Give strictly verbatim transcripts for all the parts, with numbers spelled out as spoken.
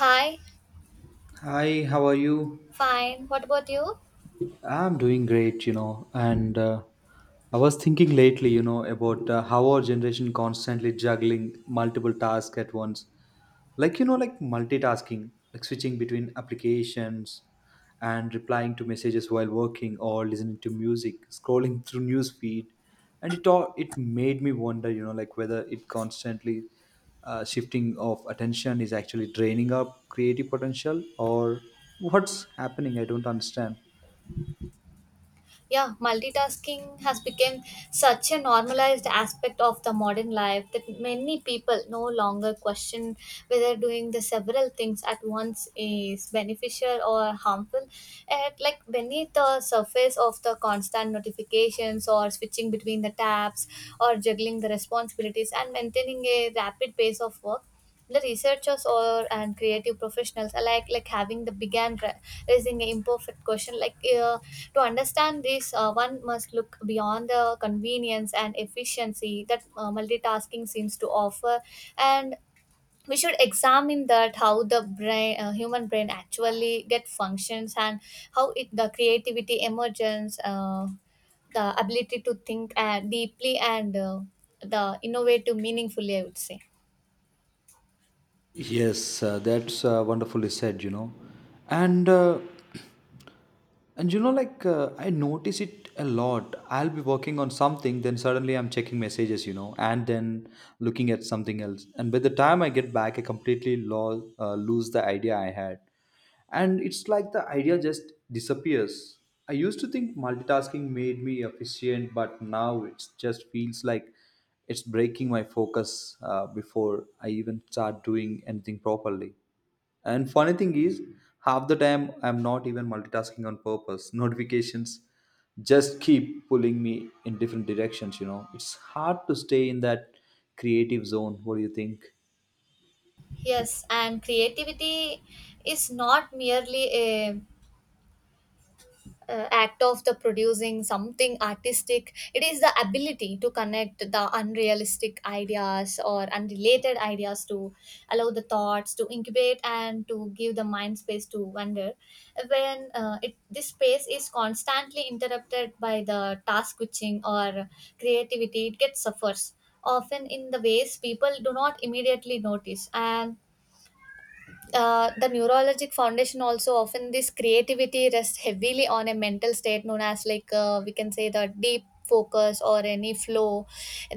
Hi, Hi, how are you? fine. What about you? I'm doing great, you know, and uh, I was thinking lately, you know, about uh, how our generation constantly juggling multiple tasks at once, like you know like multitasking, like switching between applications and replying to messages while working or listening to music, scrolling through news feed. And it all it made me wonder, you know, like whether it constantly uh, shifting of attention is actually draining up creative potential, or what's happening, I don't understand. Yeah, multitasking has become such a normalized aspect of the modern life that many people no longer question whether doing the several things at once is beneficial or harmful. And like beneath the surface of the constant notifications or switching between the tabs or juggling the responsibilities and maintaining a rapid pace of work, the researchers or and creative professionals alike like having the began ra- raising an imperfect question like uh, to understand this uh, one must look beyond the convenience and efficiency that uh, multitasking seems to offer, and we should examine that how the brain uh, human brain actually get functions, and how it the creativity emergence uh, the ability to think uh, deeply and uh, the innovative meaningfully, I would say. Yes, uh, that's uh, wonderfully said, you know. And uh, and you know, like uh, I notice it a lot. I'll be working on something, then suddenly I'm checking messages, you know, and then looking at something else. And by the time I get back, I completely lo- uh, lose the idea I had. And it's like the idea just disappears. I used to think multitasking made me efficient, but now it just feels like it's breaking my focus uh, before I even start doing anything properly. And funny thing is, half the time I'm not even multitasking on purpose. Notifications just keep pulling me in different directions, you know. It's hard to stay in that creative zone. What do you think? Yes, and creativity is not merely a, uh act of the producing something artistic. It is the ability to connect the unrealistic ideas or unrelated ideas to allow the thoughts to incubate and to give the mind space to wonder. When uh, it, this space is constantly interrupted by the task switching or creativity, it gets suffers often in the ways people do not immediately notice, and uh, the neurologic foundation also often this creativity rests heavily on a mental state known as like uh, we can say the deep focus or any flow,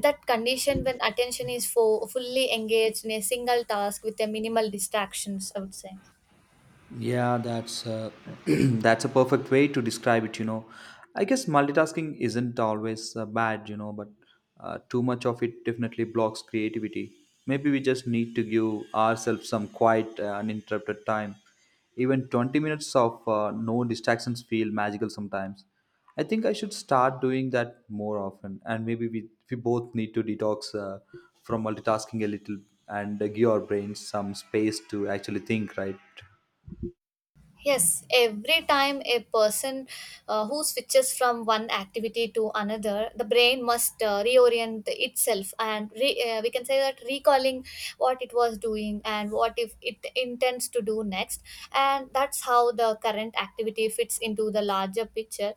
that condition when attention is fo- fully engaged in a single task with a minimal distractions, I would say. Yeah, that's a, that's a perfect way to describe it, you know. I guess multitasking isn't always uh, bad, you know, but uh, too much of it definitely blocks creativity. Maybe we just need to give ourselves some quiet, uh, uninterrupted time. Even twenty minutes of uh, no distractions feel magical sometimes. I think I should start doing that more often, and maybe we, we both need to detox uh, from multitasking a little, and uh, give our brains some space to actually think, right? Yes, every time a person uh, who switches from one activity to another, the brain must uh, reorient itself, and re- uh, we can say that recalling what it was doing and what if it intends to do next, and that's how the current activity fits into the larger picture.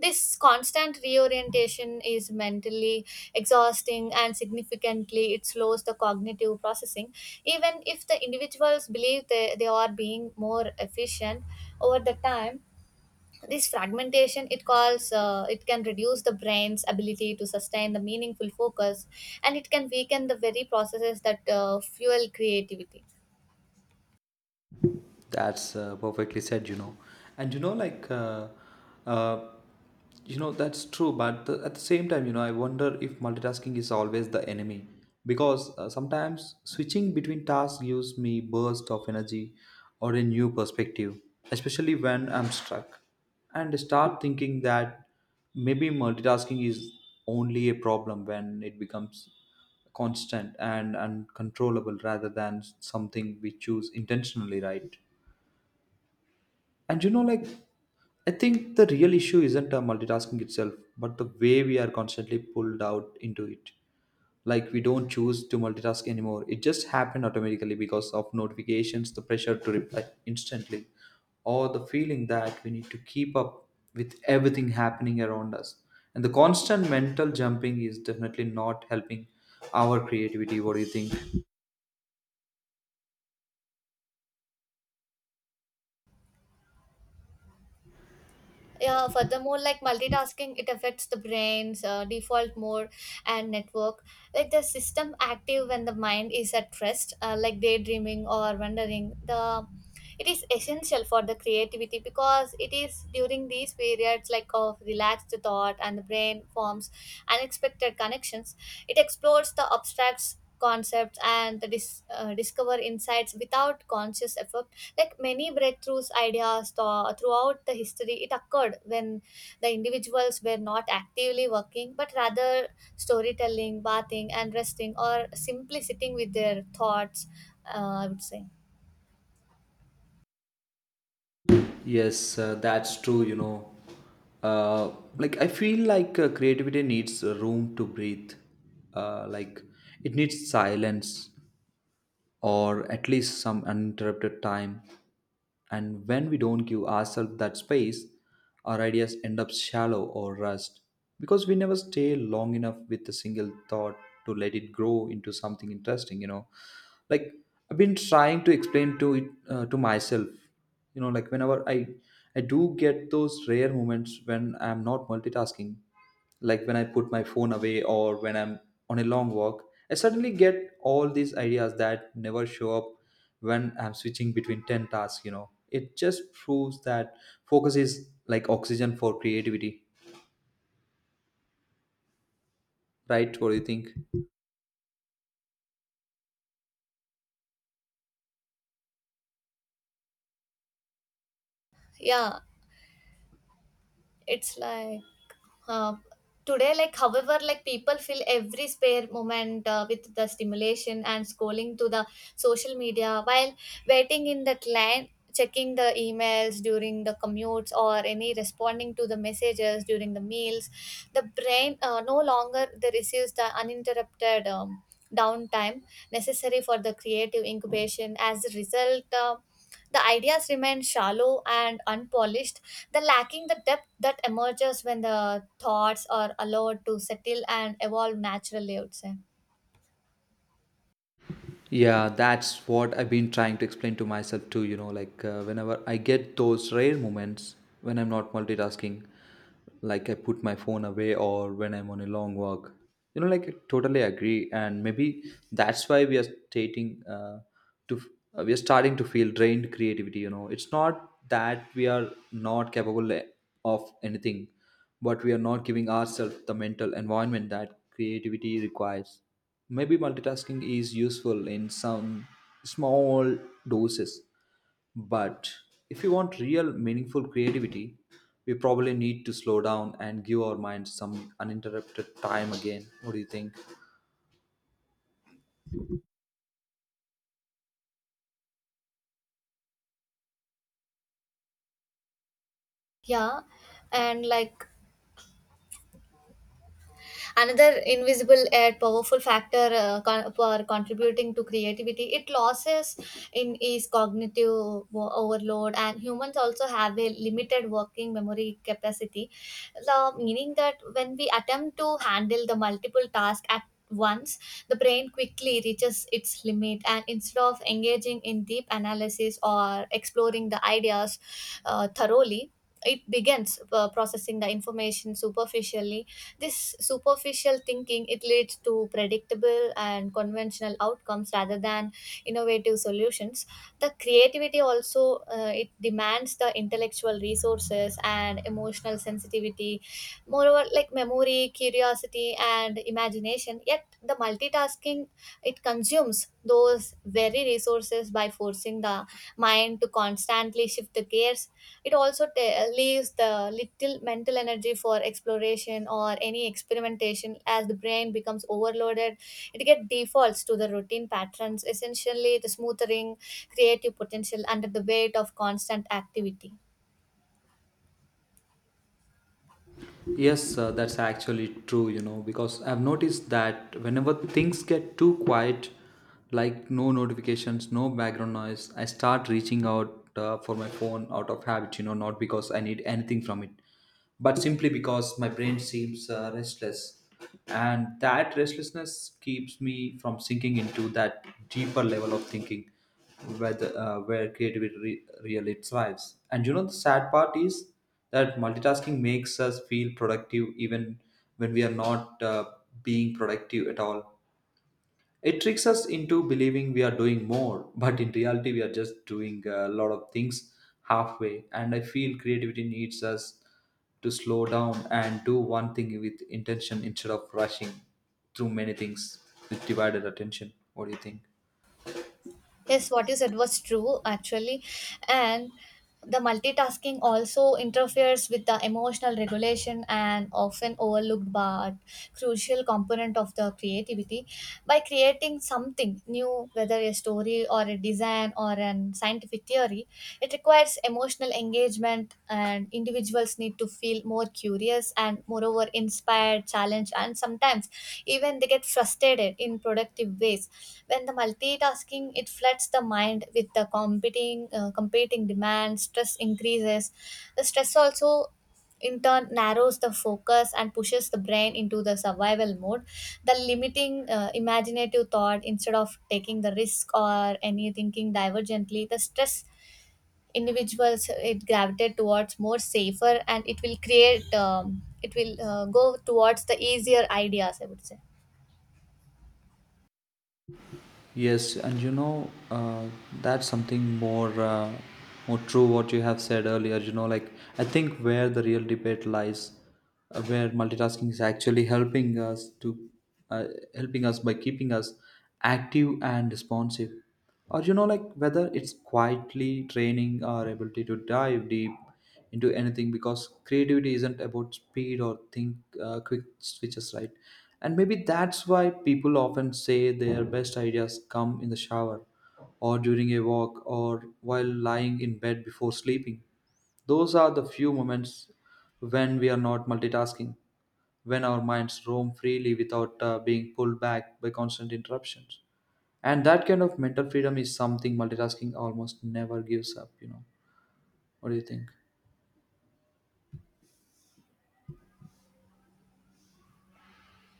This constant reorientation is mentally exhausting, and significantly it slows the cognitive processing. Even if the individuals believe they, they are being more efficient, over the time this fragmentation it calls uh, it can reduce the brain's ability to sustain the meaningful focus, and it can weaken the very processes that uh, fuel creativity. That's uh, perfectly said, you know. And you know, like, uh, uh, you know, that's true. But the, at the same time, you know, I wonder if multitasking is always the enemy, because uh, sometimes switching between tasks gives me burst of energy or a new perspective, especially when I'm stuck, and start thinking that maybe multitasking is only a problem when it becomes constant and uncontrollable rather than something we choose intentionally, right? And you know, like, I think the real issue isn't uh, multitasking itself, but the way we are constantly pulled out into it. Like, we don't choose to multitask anymore. It just happened automatically because of notifications, the pressure to reply instantly, or the feeling that we need to keep up with everything happening around us. And the constant mental jumping is definitely not helping our creativity. What do you think? Yeah, furthermore, like multitasking it affects the brain's uh, default mode and network, like the system active when the mind is at rest uh, like daydreaming or wandering the it is essential for the creativity, because it is during these periods like of relaxed thought and the brain forms unexpected connections, it explores the abstract concepts and the dis- uh, discover insights without conscious effort. Like many breakthroughs ideas th- throughout the history, it occurred when the individuals were not actively working, but rather storytelling, bathing, and resting, or simply sitting with their thoughts. Uh, I would say, Yes, uh, that's true, you know. Uh, like, I feel like uh, creativity needs uh, room to breathe. Uh, like, it needs silence, or at least some uninterrupted time. And when we don't give ourselves that space, our ideas end up shallow or rust, because we never stay long enough with a single thought to let it grow into something interesting, you know. Like, I've been trying to explain to it uh, to myself, you know, like whenever I I do get those rare moments when I'm not multitasking, like when I put my phone away, or when I'm on a long walk, I suddenly get all these ideas that never show up when I'm switching between ten tasks. You know, it just proves that focus is like oxygen for creativity, right? What do you think? yeah, it's like uh, today like however like people fill every spare moment uh, with the stimulation and scrolling to the social media while waiting in the line, checking the emails during the commutes or any responding to the messages during the meals, the brain uh, no longer they receives the uninterrupted um, downtime necessary for the creative incubation. As a result, uh, the ideas remain shallow and unpolished, the lacking the depth that emerges when the thoughts are allowed to settle and evolve naturally, I would say. Yeah, that's what I've been trying to explain to myself too, you know, like uh, whenever I get those rare moments when I'm not multitasking, like I put my phone away or when I'm on a long walk. You know, like I totally agree, and maybe that's why we are stating uh, to uh, we are starting to feel drained creativity. You know, it's not that we are not capable, eh, of anything, but we are not giving ourselves the mental environment that creativity requires. Maybe multitasking is useful in some small doses, but if we want real, meaningful creativity, we probably need to slow down and give our minds some uninterrupted time again. What do you think? Yeah, and like another invisible yet powerful factor uh, con- for contributing to creativity it losses in is cognitive wo- overload, and humans also have a limited working memory capacity. The meaning that when we attempt to handle the multiple tasks at once, the brain quickly reaches its limit, and instead of engaging in deep analysis or exploring the ideas uh, thoroughly, it begins uh, processing the information superficially. This superficial thinking it leads to predictable and conventional outcomes rather than innovative solutions. The creativity also uh, it demands the intellectual resources and emotional sensitivity. Moreover, like memory, curiosity, and imagination. Yet the multitasking it consumes those very resources by forcing the mind to constantly shift the gears. It also ta- leaves the little mental energy for exploration or any experimentation. As the brain becomes overloaded, it get defaults to the routine patterns, essentially the smoothering creative potential under the weight of constant activity. Yes, uh, that's actually true, you know, because I've noticed that whenever things get too quiet, like no notifications, no background noise, I start reaching out uh, for my phone out of habit, you know, not because I need anything from it, but simply because my brain seems uh, restless. And that restlessness keeps me from sinking into that deeper level of thinking whether, uh, where creativity re- really thrives. And you know, the sad part is that multitasking makes us feel productive even when we are not uh, being productive at all. It tricks us into believing we are doing more, but in reality, we are just doing a lot of things halfway. And I feel creativity needs us to slow down and do one thing with intention instead of rushing through many things with divided attention. What do you think? Yes, what you said was true actually, and the multitasking also interferes with the emotional regulation, and often overlooked but crucial component of the creativity by creating something new, whether a story or a design or an scientific theory. It requires emotional engagement, and individuals need to feel more curious and, moreover, inspired, challenged, and sometimes even they get frustrated in productive ways. When the multitasking it floods the mind with the competing uh, competing demands, stress increases. The stress also in turn narrows the focus and pushes the brain into the survival mode, the limiting uh, imaginative thought. Instead of taking the risk or any thinking divergently, the stress individuals it gravitate towards more safer, and it will create um, it will uh, go towards the easier ideas, I would say. Yes, and you know, uh, that's something more uh, more true what you have said earlier. You know, like I think where the real debate lies, uh, where multitasking is actually helping us to uh, helping us by keeping us active and responsive, or you know, like whether it's quietly training our ability to dive deep into anything, because creativity isn't about speed or think uh, quick switches, right? And maybe that's why people often say their best ideas come in the shower, or during a walk, or while lying in bed before sleeping. Those are the few moments when we are not multitasking, when our minds roam freely without uh, being pulled back by constant interruptions, and that kind of mental freedom is something multitasking almost never gives up, you know. What do you think?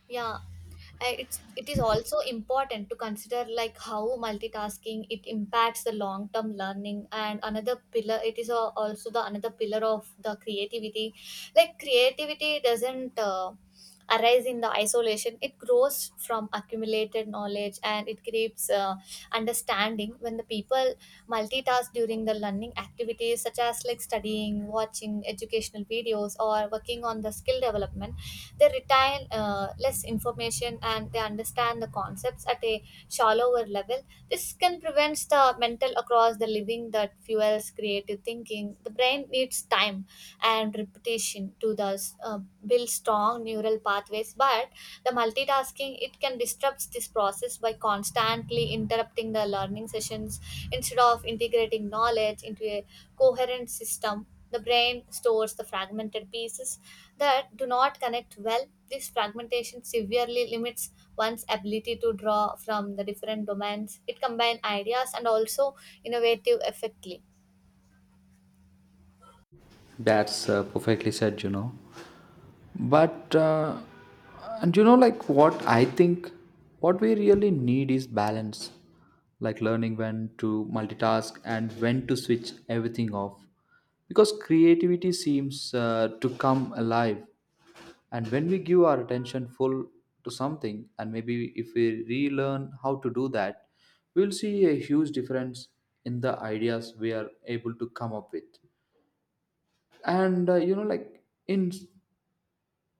Yeah, Uh, it's it is also important to consider like how multitasking it impacts the long term learning, and another pillar it is al- also the another pillar of the creativity. Like creativity doesn't uh, arise in the isolation, it grows from accumulated knowledge, and it creates uh, understanding. When the people multitask during the learning activities such as like studying, watching educational videos or working on the skill development, they retain uh, less information and they understand the concepts at a shallower level. This can prevent the mental across the living that fuels creative thinking. The brain needs time and repetition to thus uh, build strong neural pathways, but the multitasking it can disrupt this process by constantly interrupting the learning sessions. Instead of integrating knowledge into a coherent system, the brain stores the fragmented pieces that do not connect well. This fragmentation severely limits one's ability to draw from the different domains. It combines ideas and also innovative effectively. That's uh, perfectly said, you know. But, uh, and you know, like what I think, what we really need is balance, like learning when to multitask and when to switch everything off. Because creativity seems uh, to come alive. And when we give our attention full to something, and maybe if we relearn how to do that, we'll see a huge difference in the ideas we are able to come up with and uh, you know like in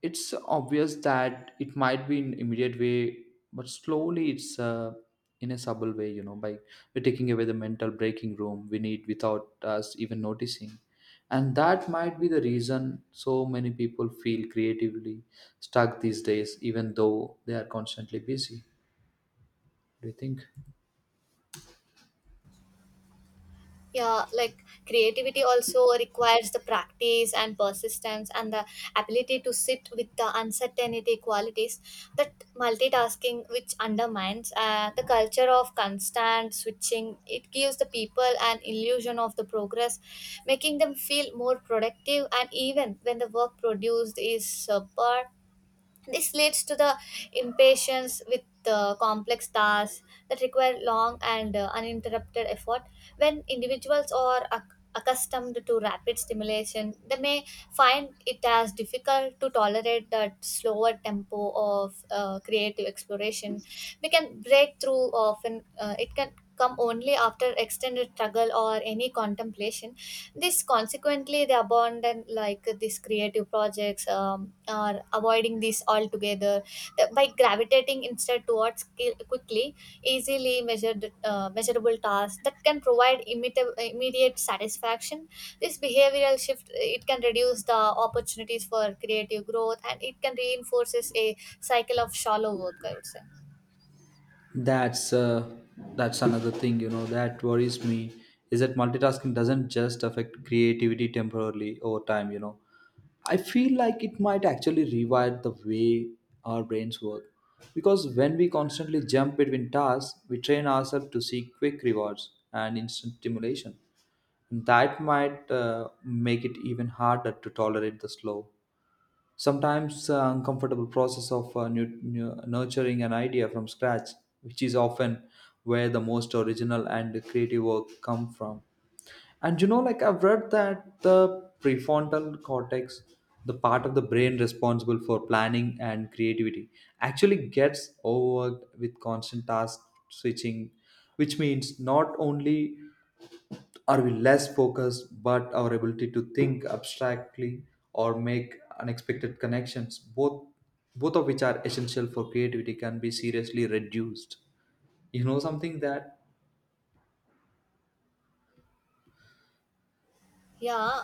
it's obvious that it might be in immediate way but slowly it's uh, in a subtle way you know by we're taking away the mental breaking room we need without us even noticing and that might be the reason so many people feel creatively stuck these days even though they are constantly busy What do you think Yeah, like creativity also requires the practice and persistence and the ability to sit with the uncertainty qualities that multitasking which undermines uh, the culture of constant switching. It gives the people an illusion of the progress, making them feel more productive, and even when the work produced is subpar, this leads to the impatience with the complex tasks that require long and uh, uninterrupted effort. When individuals are acc- accustomed to rapid stimulation, they may find it as difficult to tolerate that slower tempo of uh, creative exploration. We can break through often, uh, it can come only after extended struggle or any contemplation. This consequently, they abandon like these creative projects, um, or avoiding this altogether. The- by gravitating instead towards ki- quickly, easily measured, uh, measurable tasks that can provide immediate, immediate satisfaction. This behavioral shift it can reduce the opportunities for creative growth, and it can reinforces a cycle of shallow work, I would say. that's uh, that's another thing, you know, that worries me, is that multitasking doesn't just affect creativity temporarily. Over time, you know, I feel like it might actually rewire the way our brains work. Because when we constantly jump between tasks, we train ourselves to seek quick rewards and instant stimulation. That might uh, make it even harder to tolerate the slow, sometimes uh, uncomfortable process of uh, nu- nu- nurturing an idea from scratch, which is often where the most original and creative work come from. And you know, like I've read that the prefrontal cortex, the part of the brain responsible for planning and creativity, actually gets overworked with constant task switching, which means not only are we less focused, but our ability to think abstractly or make unexpected connections, both both of which are essential for creativity, can be seriously reduced. You know something that Yeah,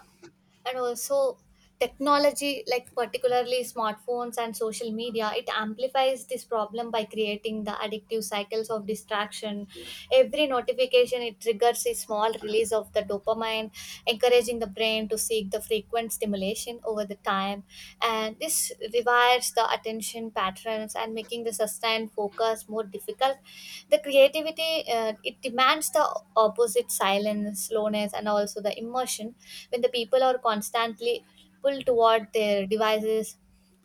and also technology, like particularly smartphones and social media, it amplifies this problem by creating the addictive cycles of distraction. Every notification it triggers a small release of the dopamine, encouraging the brain to seek the frequent stimulation over the time. And this rewires the attention patterns and making the sustained focus more difficult. The creativity uh, it demands the opposite silence, slowness, and also the immersion. When the people are constantly pulled toward their devices,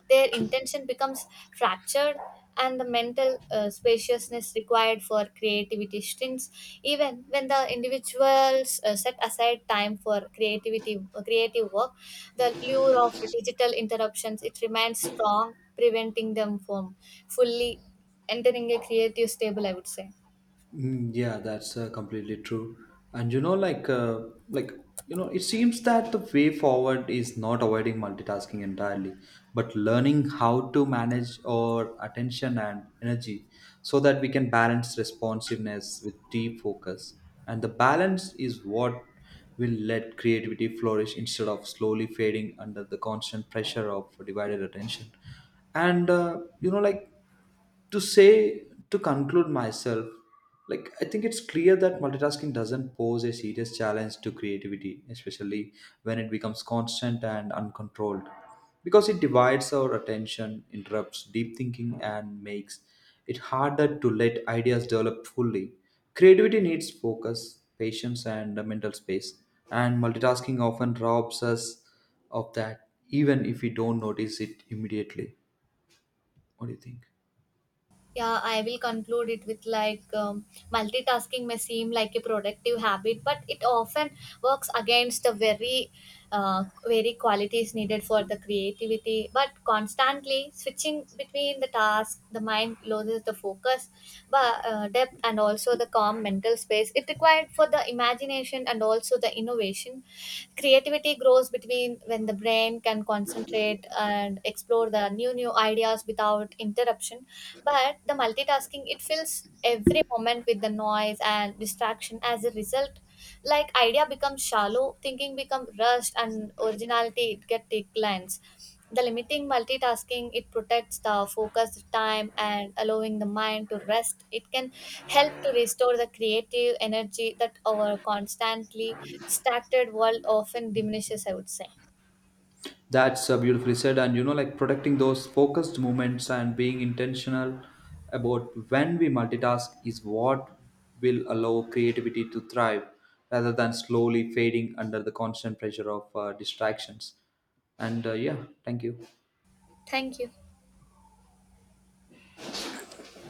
their intention becomes fractured, and the mental uh, spaciousness required for creativity shrinks. Even when the individuals uh, set aside time for creativity uh, creative work, the lure of digital interruptions it remains strong, preventing them from fully entering a creative stable, I would say. Mm, yeah, that's uh, completely true. And you know, like, uh, like you know, it seems that the way forward is not avoiding multitasking entirely, but learning how to manage our attention and energy so that we can balance responsiveness with deep focus. And the balance is what will let creativity flourish instead of slowly fading under the constant pressure of divided attention. And uh, you know, like, to say, to conclude myself, like I think it's clear that multitasking doesn't pose a serious challenge to creativity, especially when it becomes constant and uncontrolled, because it divides our attention, interrupts deep thinking, and makes it harder to let ideas develop fully. Creativity needs focus, patience, and a mental space, and multitasking often robs us of that, even if we don't notice it immediately. What do you think? Yeah, I will conclude it with like um, multitasking may seem like a productive habit, but it often works against the very, uh, very qualities needed for the creativity. But constantly switching between the tasks, the mind loses the focus, but uh, depth and also the calm mental space it required for the imagination and also the innovation. Creativity grows between when the brain can concentrate and explore the new new ideas without interruption, but the multitasking it fills every moment with the noise and distraction. As a result, like idea becomes shallow, thinking become rushed, and originality it get declines. The limiting multitasking it protects the focused time and allowing the mind to rest. It can help to restore the creative energy that our constantly distracted world often diminishes, I would say. That's uh, beautifully said. And you know, like protecting those focused moments and being intentional about when we multitask is what will allow creativity to thrive, rather than slowly fading under the constant pressure of uh, distractions. And uh, yeah, thank you. Thank you.